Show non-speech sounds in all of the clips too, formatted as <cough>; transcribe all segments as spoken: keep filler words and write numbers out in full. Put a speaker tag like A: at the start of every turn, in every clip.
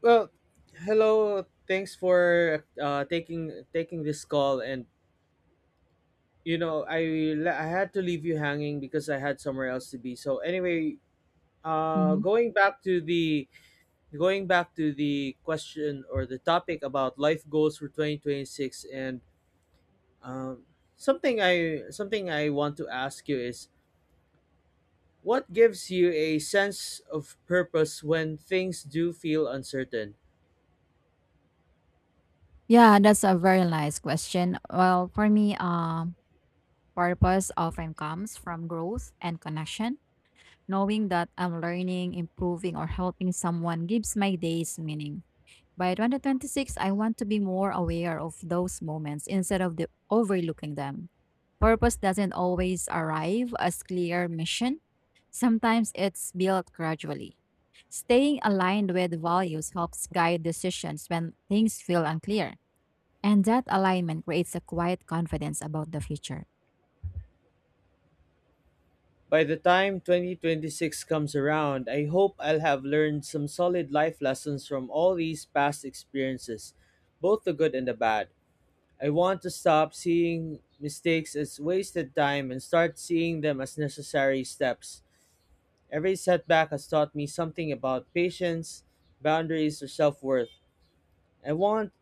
A: Well, hello. Thanks for uh, taking taking this call, and you know, I le- I had to leave you hanging because I had somewhere else to be. So anyway, uh,
B: Mhm.
A: going back to the going back to the question or the topic about life goals for twenty twenty six. And um, something I something I want to ask you is what gives you a sense of purpose when things do feel uncertain.
B: Yeah, that's a very nice question. Well, for me, um, purpose often comes from growth and connection. Knowing that I'm learning, improving, or helping someone gives my days meaning. By twenty twenty-six, I want to be more aware of those moments instead of the overlooking them. Purpose doesn't always arrive as clear mission. Sometimes it's built gradually. Staying aligned with values helps guide decisions when things feel unclear. And that alignment creates a quiet confidence about the future.
A: By the time twenty twenty-six comes around, I hope I'll have learned some solid life lessons from all these past experiences, both the good and the bad. I want to stop seeing mistakes as wasted time and start seeing them as necessary steps. Every setback has taught me something about patience, boundaries, or self-worth. I want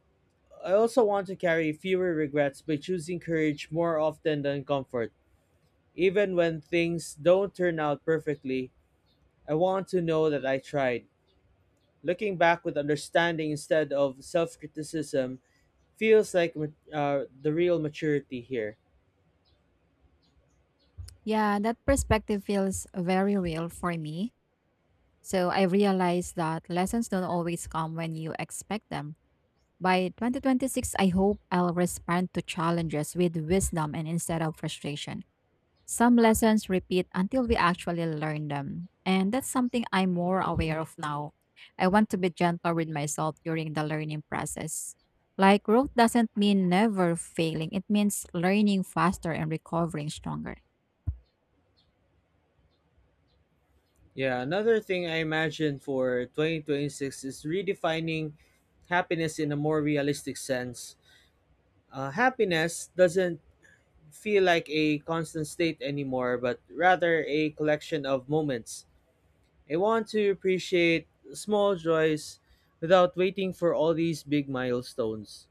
A: I also want to carry fewer regrets by choosing courage more often than comfort. Even when things don't turn out perfectly, I want to know that I tried. Looking back with understanding instead of self criticism feels like ma- uh, the real maturity here.
B: Yeah, that perspective feels very real for me. So I realized that lessons don't always come when you expect them. By twenty twenty-six, I hope I'll respond to challenges with wisdom and instead of frustration. Some lessons repeat until we actually learn them. And that's something I'm more aware of now. I want to be gentle with myself during the learning process. Like, growth doesn't mean never failing, it means learning faster and recovering stronger.
A: Yeah, another thing I imagine for twenty twenty-six is redefining happiness in a more realistic sense. Uh, happiness doesn't feel like a constant state anymore, but rather a collection of moments. I want to appreciate small joys without waiting for all these big milestones.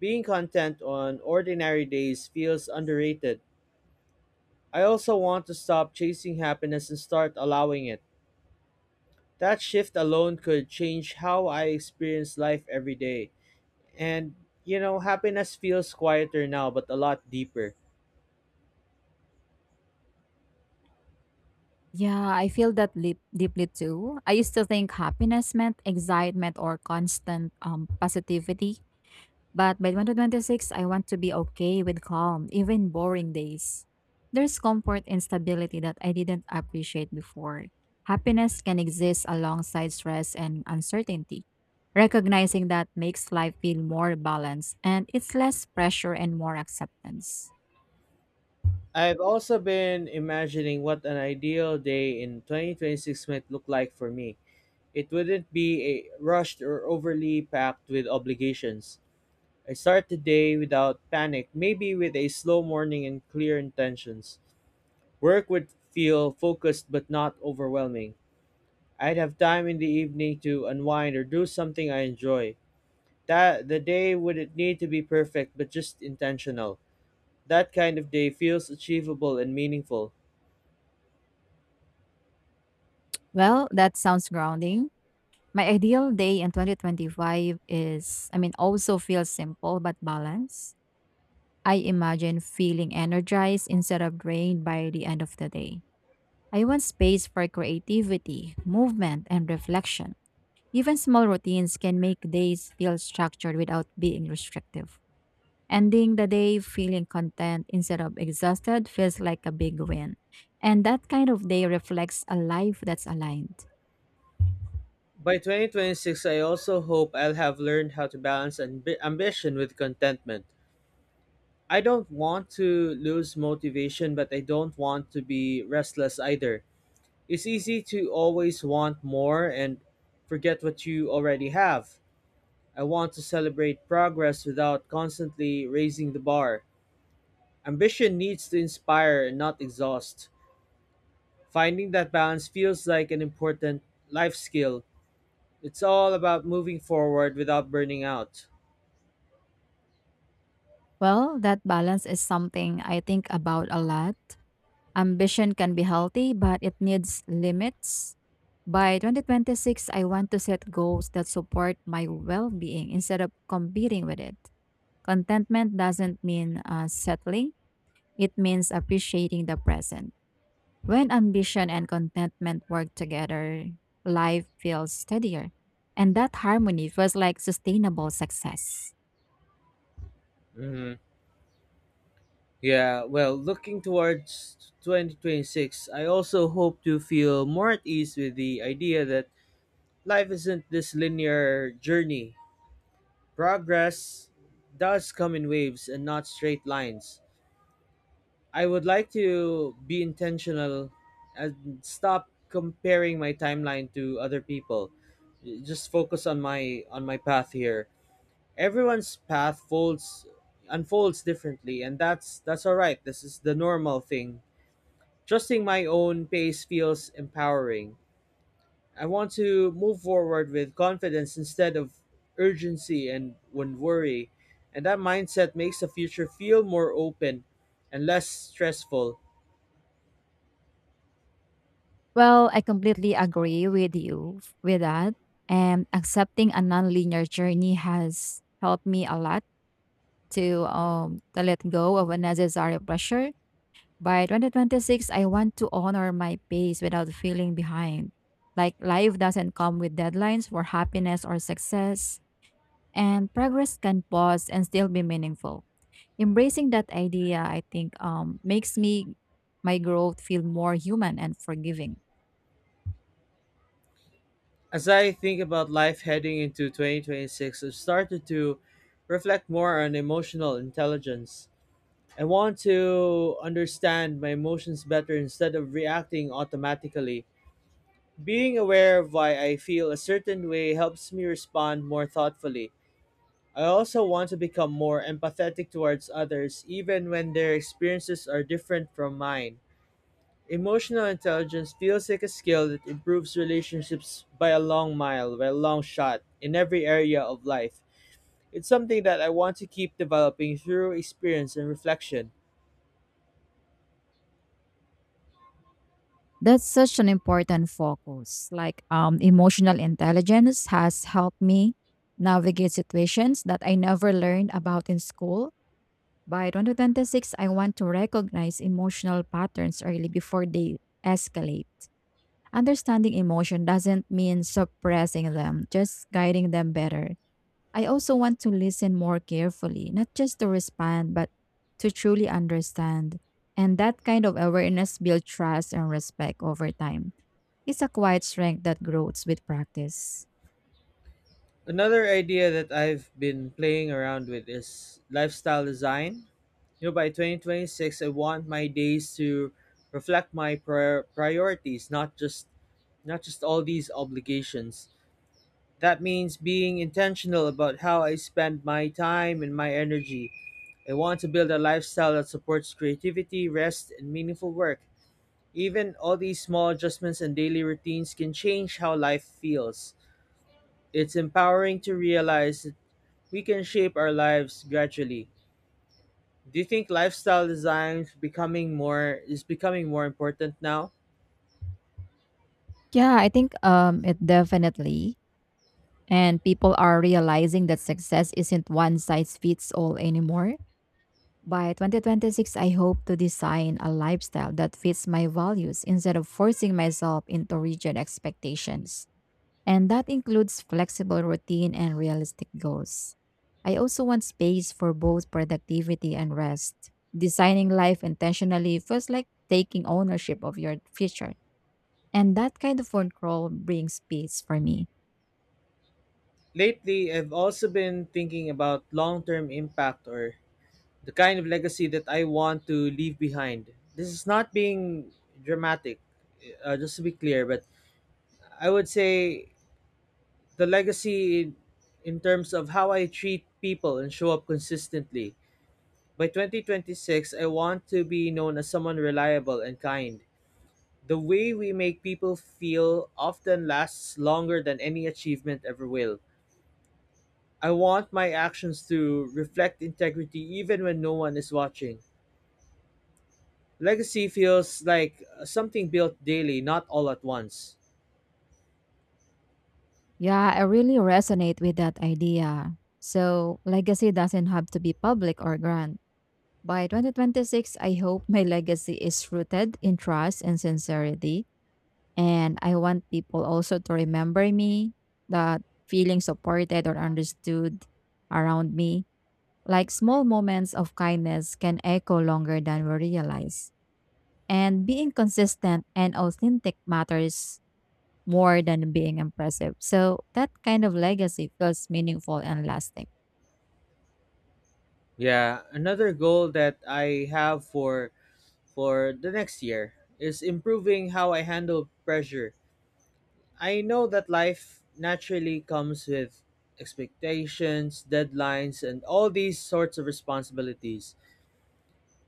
A: Being content on ordinary days feels underrated. I also want to stop chasing happiness and start allowing it. That shift alone could change how I experience life every day. And, you know, happiness feels quieter now, but a lot deeper.
B: Yeah, I feel that lip deeply too. I used to think happiness meant excitement or constant um, positivity. But by twenty twenty-six, I want to be okay with calm, even boring days. There's comfort in stability that I didn't appreciate before. Happiness can exist alongside stress and uncertainty. Recognizing that makes life feel more balanced and it's less pressure and more acceptance.
A: I've also been imagining what an ideal day in twenty twenty-six might look like for me. It wouldn't be a rushed or overly packed with obligations. I start the day without panic, maybe with a slow morning and clear intentions. Work would feel focused but not overwhelming. I'd have time in the evening to unwind or do something I enjoy. That the day wouldn't need to be perfect but just intentional. That kind of day feels achievable and meaningful.
B: Well, that sounds grounding. My ideal day in twenty twenty-five is, I mean, also feels simple but balanced. I imagine feeling energized instead of drained by the end of the day. I want space for creativity, movement, and reflection. Even small routines can make days feel structured without being restrictive. Ending the day feeling content instead of exhausted feels like a big win. And that kind of day reflects a life that's aligned.
A: By twenty twenty-six, I also hope I'll have learned how to balance ambi- ambition with contentment. I don't want to lose motivation, but I don't want to be restless either. It's easy to always want more and forget what you already have. I want to celebrate progress without constantly raising the bar. Ambition needs to inspire and not exhaust. Finding that balance feels like an important life skill. It's all about moving forward without burning out.
B: Well, that balance is something I think about a lot. Ambition can be healthy, but it needs limits. By twenty twenty-six, I want to set goals that support my well being instead of competing with it. Contentment doesn't mean uh, settling, it means appreciating the present. When ambition and contentment work together, life feels steadier. And that harmony feels like sustainable success.
A: hmm Yeah, well, looking towards twenty twenty-six, I also hope to feel more at ease with the idea that life isn't this linear journey. Progress does come in waves and not straight lines. I would like to be intentional and stop comparing my timeline to other people. Just focus on my on my path here. Everyone's path folds unfolds differently, and that's that's all right. This is the normal thing. Trusting my own pace feels empowering. I want to move forward with confidence instead of urgency and when worry. And that mindset makes the future feel more open and less stressful.
B: Well, I completely agree with you f- with that. And accepting a nonlinear journey has helped me a lot to um to let go of unnecessary pressure. By twenty twenty-six, I want to honor my pace without feeling behind. Like life doesn't come with deadlines for happiness or success, and progress can pause and still be meaningful. Embracing that idea, I think, um, makes me my growth feel more human and forgiving.
A: As I think about life heading into twenty twenty-six, I've started to reflect more on emotional intelligence. I want to understand my emotions better instead of reacting automatically. Being aware of why I feel a certain way helps me respond more thoughtfully. I also want to become more empathetic towards others, even when their experiences are different from mine. Emotional intelligence feels like a skill that improves relationships by a long mile, by a long shot, in every area of life. It's something that I want to keep developing through experience and reflection.
B: That's such an important focus. Like um, emotional intelligence has helped me navigate situations that I never learned about in school. By two thousand twenty-six, I want to recognize emotional patterns early before they escalate. Understanding emotion doesn't mean suppressing them, just guiding them better. I also want to listen more carefully, not just to respond, but to truly understand. And that kind of awareness builds trust and respect over time. It's a quiet strength that grows with practice.
A: Another idea that I've been playing around with is lifestyle design. You know, by twenty twenty-six, I want my days to reflect my prior- priorities, not just not just all these obligations. That means being intentional about how I spend my time and my energy. I want to build a lifestyle that supports creativity, rest, and meaningful work. Even all these small adjustments and daily routines can change how life feels. It's empowering to realize that we can shape our lives gradually. Do you think lifestyle design is becoming more is becoming more important now?
B: Yeah, I think um it definitely. And people are realizing that success isn't one size fits all anymore. By twenty twenty-six, I hope to design a lifestyle that fits my values instead of forcing myself into rigid expectations. And that includes flexible routine and realistic goals. I also want space for both productivity and rest. Designing life intentionally feels like taking ownership of your future. And that kind of control brings peace for me.
A: Lately, I've also been thinking about long-term impact or the kind of legacy that I want to leave behind. This is not being dramatic, uh, just to be clear, but I would say the legacy in, in terms of how I treat people and show up consistently. By twenty twenty-six, I want to be known as someone reliable and kind. The way we make people feel often lasts longer than any achievement ever will. I want my actions to reflect integrity even when no one is watching. Legacy feels like something built daily, not all at once.
B: Yeah, I really resonate with that idea. So, legacy doesn't have to be public or grand. By twenty twenty-six, I hope my <laughs> legacy is rooted in trust and sincerity. And I want people also to remember me, that feeling supported or understood around me. Like small moments of kindness can echo longer than we realize. And being consistent and authentic matters more than being impressive. So that kind of legacy feels meaningful and lasting.
A: Yeah, another goal that I have for for the next year is improving how I handle pressure. I know that life naturally comes with expectations, deadlines, and all these sorts of responsibilities.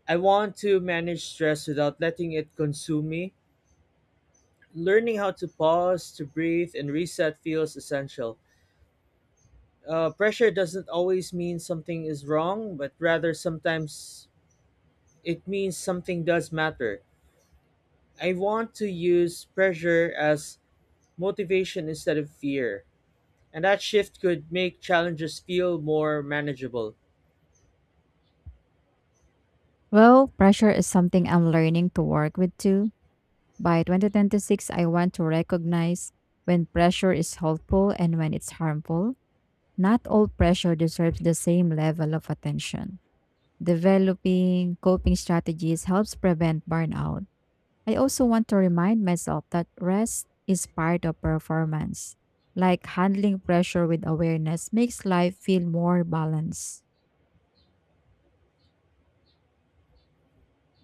A: I want to manage stress without letting it consume me. Learning how to pause, to breathe, and reset feels essential. Uh, pressure doesn't always mean something is wrong, but rather sometimes it means something does matter. I want to use pressure as motivation instead of fear, and that shift could make challenges feel more manageable.
B: Well, pressure is something I'm learning to work with too. By twenty twenty-six, I want to recognize when pressure is helpful and when it's harmful. Not all pressure deserves the same level of attention. Developing coping strategies helps prevent burnout. I also want to remind myself that rest is part of performance. Like handling pressure with awareness makes life feel more balanced.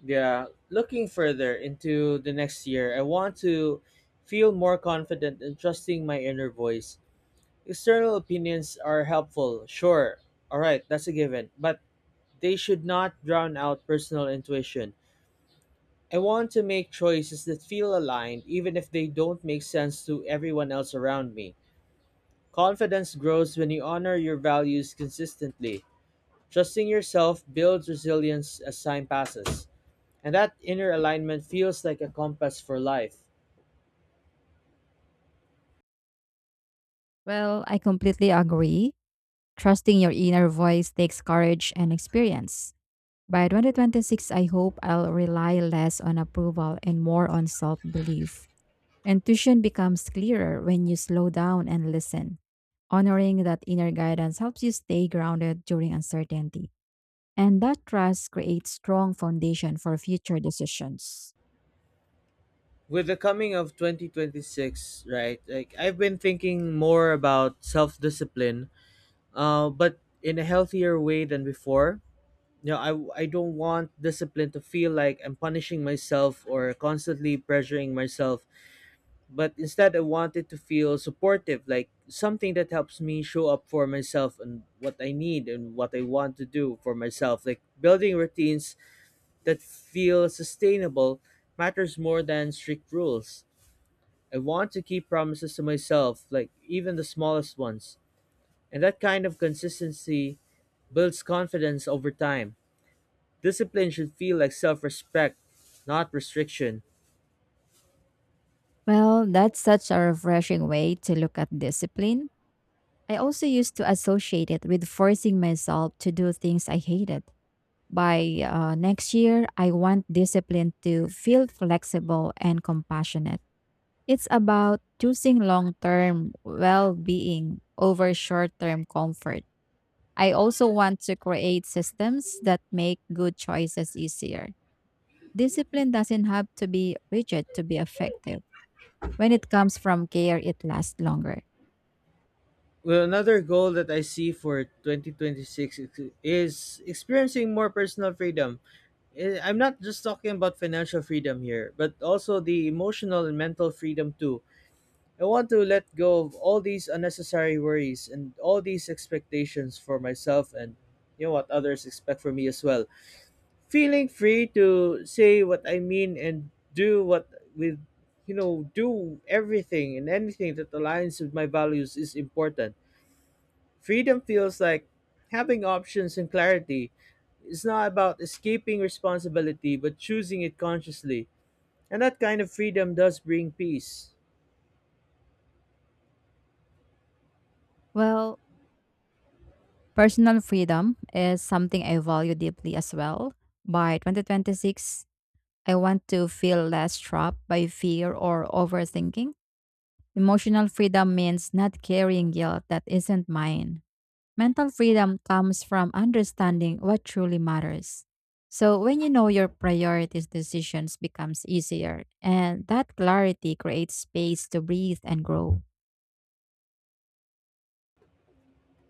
A: Yeah, looking further into the next year, I want to feel more confident in trusting my inner voice. External opinions are helpful, sure. All right, that's a given. But they should not drown out personal intuition. I want to make choices that feel aligned, even if they don't make sense to everyone else around me. Confidence grows when you honor your values consistently. Trusting yourself builds resilience as time passes, and that inner alignment feels like a compass for life.
B: Well, I completely agree. Trusting your inner voice takes courage and experience. By twenty twenty-six, I hope I'll rely less on approval and more on self belief. Intuition becomes clearer when you slow down and listen. Honoring that inner guidance helps you stay grounded during uncertainty. And that trust creates strong foundation for future decisions.
A: With the coming of twenty twenty-six, right, like I've been thinking more about self discipline, uh, but in a healthier way than before. You know, I, I don't want discipline to feel like I'm punishing myself or constantly pressuring myself, but instead I want it to feel supportive, like something that helps me show up for myself and what I need and what I want to do for myself. Like building routines that feel sustainable matters more than strict rules. I want to keep promises to myself, like even the smallest ones, and that kind of consistency builds confidence over time. Discipline should feel like self respect, not restriction.
B: Well, that's such a refreshing way to look at discipline. I also used to associate it with forcing myself to do things I hated. By uh, next year, I want discipline to feel flexible and compassionate. It's about choosing long term well being over short term comfort. I also want to create systems that make good choices easier. Discipline doesn't have to be rigid to be effective. When it comes from care, it lasts longer.
A: Well, another goal that I see for twenty twenty-six is is experiencing more personal freedom. Eh, I'm not just talking about financial freedom here, but also the emotional and mental freedom too. I want to let go of all these unnecessary worries and all these expectations for myself and, you know, what others expect from me as well. Feeling free to say what I mean and do what with you know do everything and anything that aligns with my values is important. Freedom feels like having options and clarity. It's not about escaping responsibility but choosing it consciously. And that kind of freedom does bring peace.
B: Well, personal freedom is something I value deeply as well. By twenty twenty-six, I want to feel less trapped by fear or overthinking. Emotional freedom means not carrying guilt that isn't mine. Mental freedom comes from understanding what truly matters. So when you know your priorities, decisions becomes easier, and that clarity creates space to breathe and grow.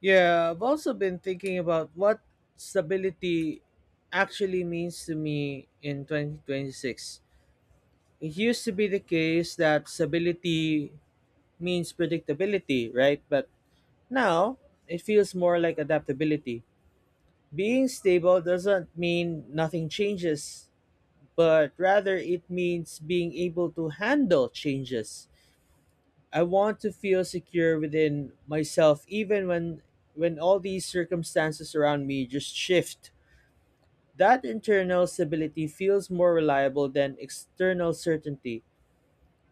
A: Yeah, I've also been thinking about what stability actually means to me in twenty twenty-six. It used to be the case that stability means predictability, right? But now it feels more like adaptability. Being stable doesn't mean nothing changes, but rather it means being able to handle changes. I want to feel secure within myself even when when all these circumstances around me just shift. That internal stability feels more reliable than external certainty.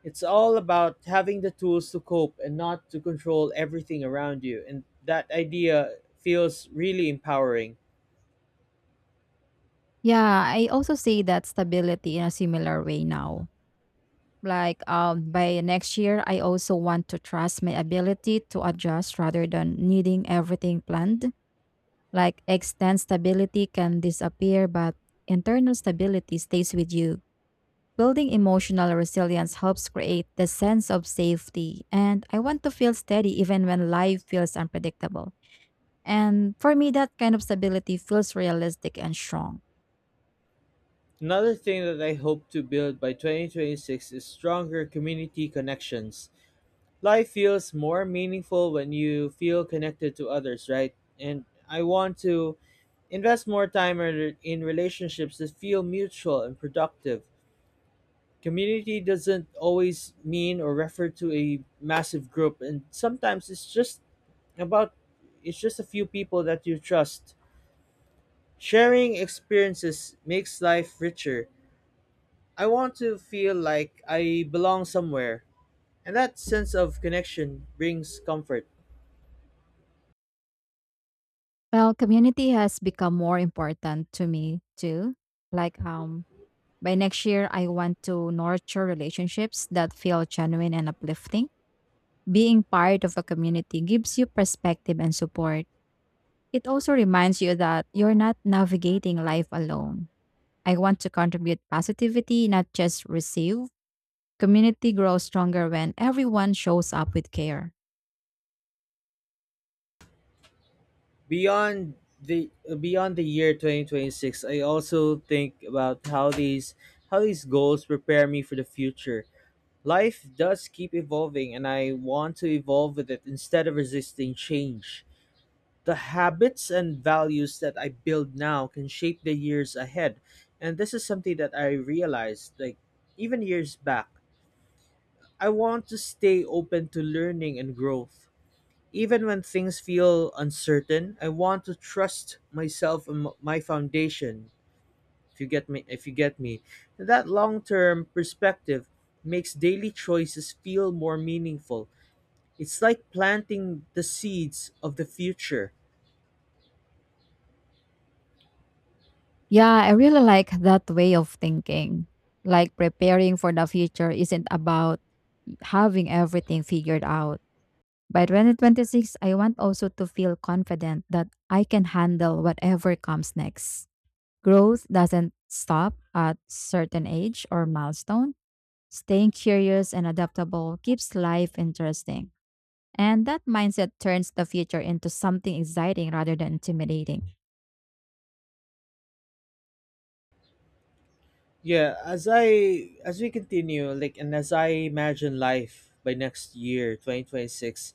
A: It's all about having the tools to cope and not to control everything around you. And that idea feels really empowering.
B: Yeah, I also see that stability in a similar way now. Like um, by next year, I also want to trust my ability to adjust rather than needing everything planned. Like extend stability can disappear, but internal stability stays with you. Building emotional resilience helps create the sense of safety, and I want to feel steady even when life feels unpredictable. And for me, that kind of stability feels realistic and strong.
A: Another thing that I hope to build by twenty twenty-six is stronger community connections. Life feels more meaningful when you feel connected to others, right? And I want to invest more time in in relationships that feel mutual and productive. Community doesn't always mean or refer to a massive group, and sometimes it's just about it's just a few people that you trust. Sharing experiences makes life richer. I want to feel like I belong somewhere, and that sense of connection brings comfort.
B: Well, community has become more important to me too. Like, um, by next year, I want to nurture relationships that feel genuine and uplifting. Being part of a community gives you perspective and support. It also reminds you that you're not navigating life alone. I want to contribute positivity, not just receive. Community grows stronger when everyone shows up with care.
A: Beyond the Beyond the year twenty twenty-six, I also think about how these how these goals prepare me for the future. Life does keep evolving and I want to evolve with it instead of resisting change. The habits and values that I build now can shape the years ahead. And this is something that I realized, like, even years back. I want to stay open to learning and growth. Even when things feel uncertain, I want to trust myself and m- my foundation. If you get me, if you get me, that long-term perspective makes daily choices feel more meaningful. It's like planting the seeds of the future.
B: Yeah, I really like that way of thinking. Like preparing for the future isn't about having everything figured out. By twenty twenty-six, I want also to feel confident that I can handle whatever comes next. Growth doesn't stop at certain age or milestone. Staying curious and adaptable keeps life interesting. And that mindset turns the future into something exciting rather than intimidating.
A: Yeah, as I as we continue, like, and as I imagine life by next year, twenty twenty-six,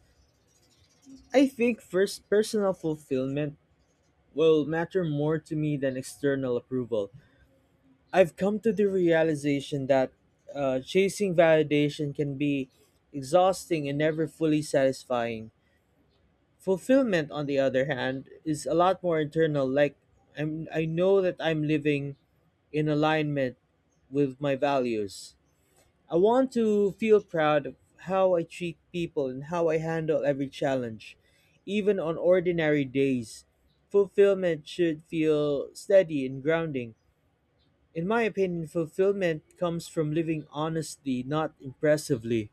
A: I think first personal fulfillment will matter more to me than external approval. I've come to the realization that uh, chasing validation can be exhausting and never fully satisfying. Fulfillment, on the other hand, is a lot more internal. Like I'm, I know that I'm living in alignment with my values. I want to feel proud of how I treat people and how I handle every challenge, even on ordinary days. Fulfillment should feel steady and grounding. In my opinion, fulfillment comes from living honestly, not impressively.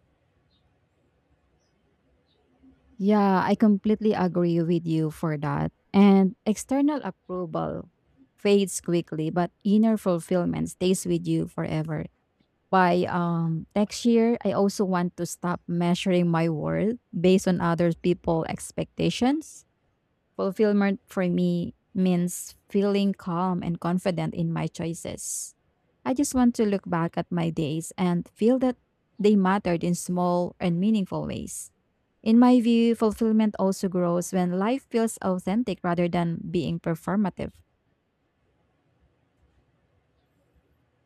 B: Yeah, I completely agree with you for that. And external approval fades quickly, but inner fulfillment stays with you forever. By um, next year, I also want to stop measuring my worth based on other people's expectations. Fulfillment for me means feeling calm and confident in my choices. I just want to look back at my days and feel that they mattered in small and meaningful ways. In my view, fulfillment also grows when life feels authentic rather than being performative.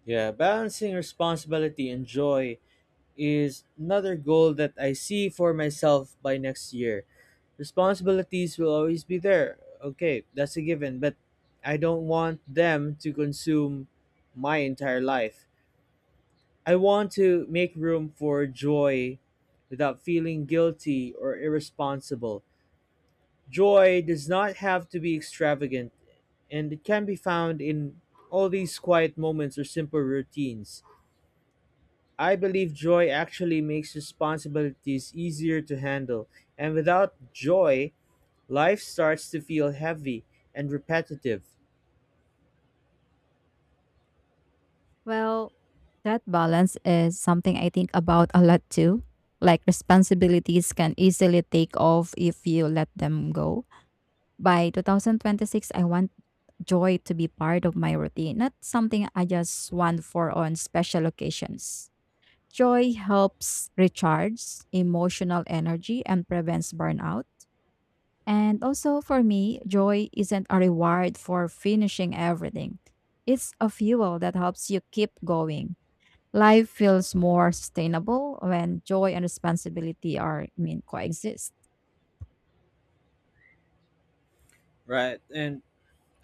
A: Yeah, balancing responsibility and joy is another goal that I see for myself by next year. Responsibilities will always be there. Okay, that's a given, but I don't want them to consume my entire life. I want to make room for joy without feeling guilty or irresponsible. Joy does not have to be extravagant, and it can be found in all these quiet moments or simple routines. I believe joy actually makes responsibilities easier to handle, and without joy, life starts to feel heavy and repetitive.
B: Well, that balance is something I think about a lot too. Like responsibilities can easily take off if you let them go. By two thousand twenty-six, I want joy to be part of my routine, not something I just want for on special occasions. Joy helps recharge emotional energy and prevents burnout. And also for me, joy isn't a reward for finishing everything. It's a fuel that helps you keep going. Life feels more sustainable when joy and responsibility are, I mean, coexist.
A: Right, and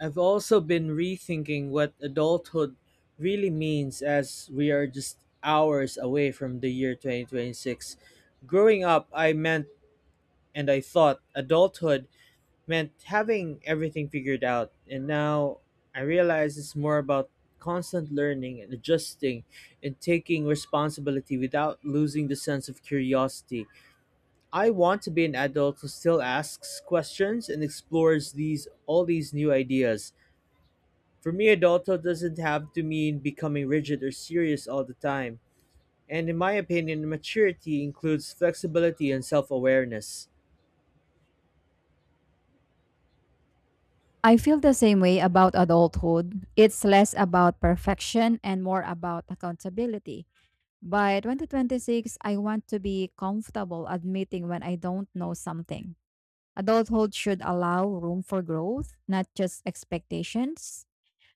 A: I've also been rethinking what adulthood really means as we are just hours away from the year two thousand twenty-six. Growing up, I meant and I thought adulthood meant having everything figured out. And now I realize it's more about constant learning and adjusting and taking responsibility without losing the sense of curiosity. I want to be an adult who still asks questions and explores these all these new ideas. For me, adulthood doesn't have to mean becoming rigid or serious all the time. And in my opinion, maturity includes flexibility and self awareness.
B: I feel the same way about adulthood. It's less about perfection and more about accountability. By twenty twenty-six, I want to be comfortable admitting when I don't know something. Adulthood should allow room for growth, not just expectations.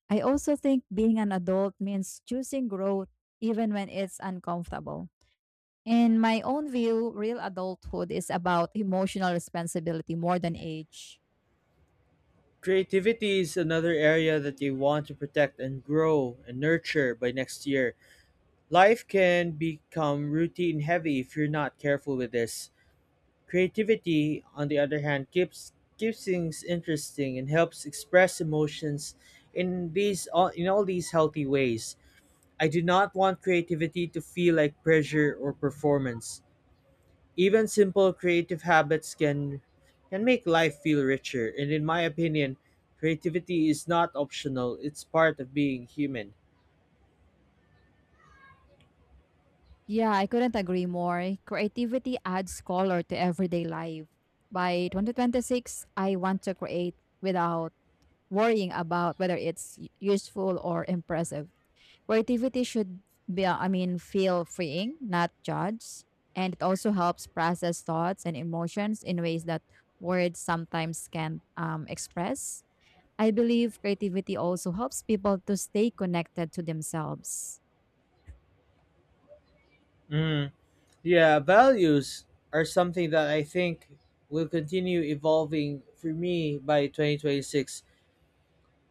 B: I also think being an adult means choosing growth even when it's uncomfortable. In my own view, real adulthood is about emotional responsibility more than age.
A: Creativity is another area that they want to protect and grow and nurture by next year. Life can become routine heavy if you're not careful with this. Creativity, on the other hand, keeps keeps things interesting and helps express emotions in these all in all these healthy ways. I do not want creativity to feel like pressure or performance. Even simple creative habits can can make life feel richer, and in my opinion, creativity is not optional, it's part of being human.
B: Yeah, I couldn't agree more. Creativity adds color to everyday life. By twenty twenty-six, I want to create without worrying about whether it's useful or impressive. Creativity should be, uh, I mean, feel freeing, not judged. And it also helps process thoughts and emotions in ways that words sometimes can't um, express. I believe creativity also helps people to stay connected to themselves.
A: Mm. Yeah, values are something that I think will continue evolving for me by twenty twenty-six.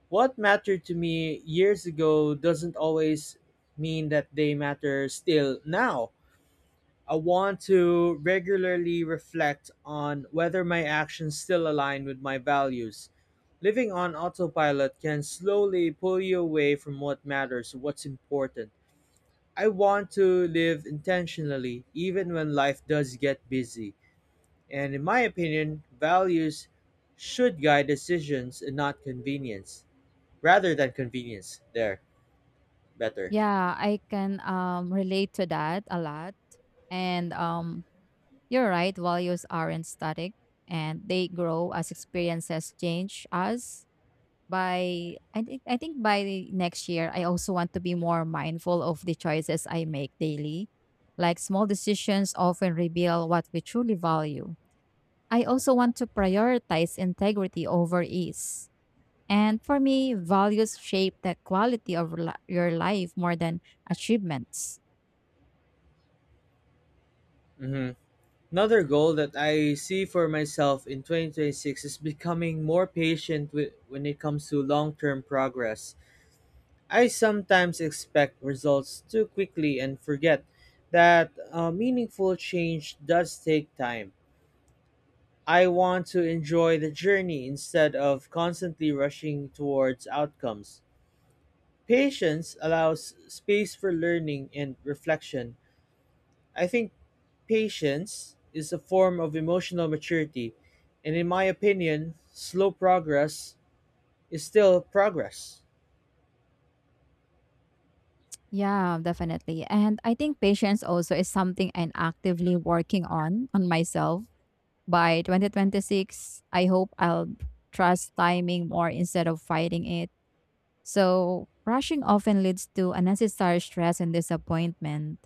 A: What mattered to me years ago doesn't always mean that they matter still now. I want to regularly reflect on whether my actions still align with my values. Living on autopilot can slowly pull you away from what matters, what's important. I want to live intentionally, even when life does get busy. And in my opinion, values should guide decisions and not convenience. Rather than convenience, there, better.
B: Yeah, I can um, relate to that a lot. And um, you're right, values aren't static and they grow as experiences change us by I think I think by next year I also want to be more mindful of the choices I make daily. Like small decisions often reveal what we truly value. I also want to prioritize integrity over ease. And for me, values shape the quality of li- your life more than achievements.
A: Hmm. Another goal that I see for myself in twenty twenty-six is becoming more patient with, when it comes to long term progress. I sometimes expect results too quickly and forget that uh, meaningful change does take time. I want to enjoy the journey instead of constantly rushing towards outcomes. Patience allows space for learning and reflection. I think patience is a form of emotional maturity, and in my opinion, slow progress is still progress.
B: Yeah, definitely. And I think patience also is something I'm actively working on on myself. By twenty twenty-six, I hope I'll trust timing more instead of fighting it. So, rushing often leads to unnecessary stress and disappointment,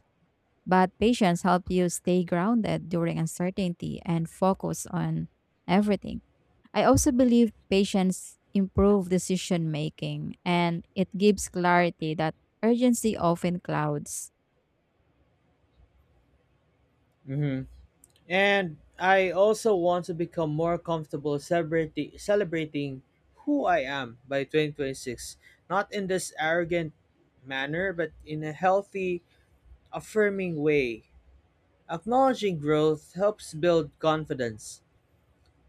B: but patience helps you stay grounded during uncertainty and focus on everything. I also believe patience improves decision making and it gives clarity that urgency often clouds.
A: Hmm. And I also want to become more comfortable celebrating celebrating who I am by twenty twenty-six, not in this arrogant manner, but in a healthy, affirming way. Acknowledging growth helps build confidence.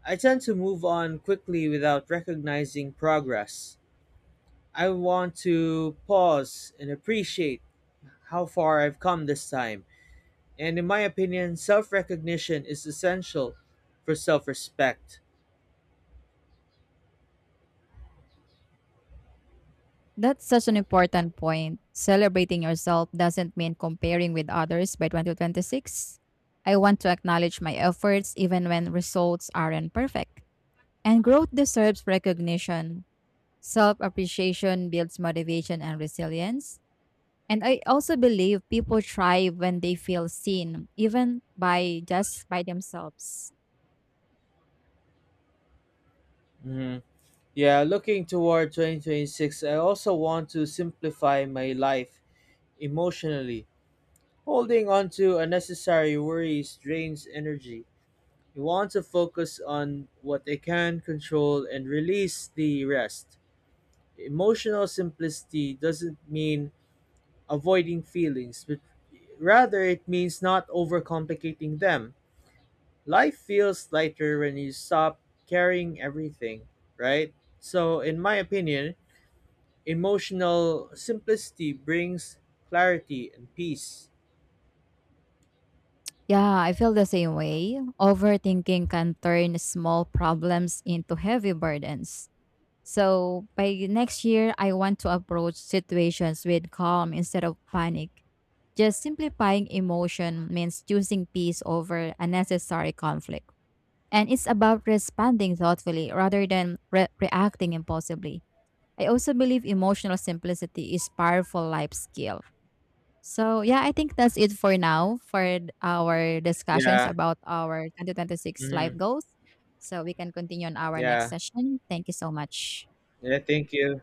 A: I tend to move on quickly without recognizing progress. I want to pause and appreciate how far I've come this time. And in my opinion, self recognition is essential for self respect.
B: That's such an important point. Celebrating yourself doesn't mean comparing with others by twenty twenty-six. I want to acknowledge my efforts even when results aren't perfect. And growth deserves recognition. Self appreciation builds motivation and resilience. And I also believe people thrive when they feel seen, even by just by themselves.
A: Mhm. Yeah, looking toward two thousand twenty-six, I also want to simplify my life emotionally. Holding on to unnecessary worries drains energy. I want to focus on what I can control and release the rest. Emotional simplicity doesn't mean avoiding feelings, but rather, it means not overcomplicating them. Life feels lighter when you stop carrying everything, right? So, in my opinion, emotional simplicity brings clarity and peace.
B: Yeah, I feel the same way. Overthinking can turn small problems into heavy burdens. So by next year, I want to approach situations with calm instead of panic. Just simplifying emotion means choosing peace over unnecessary conflict. And it's about responding thoughtfully rather than re- reacting impulsively. I also believe emotional simplicity is powerful life skill. So yeah, I think that's it for now for our discussions
A: Yeah.
B: about our twenty twenty-six life
A: Hmm.
B: goals. So we can continue on our next
A: Yeah.
B: session. Thank you so much.
A: Yeah. Thank you.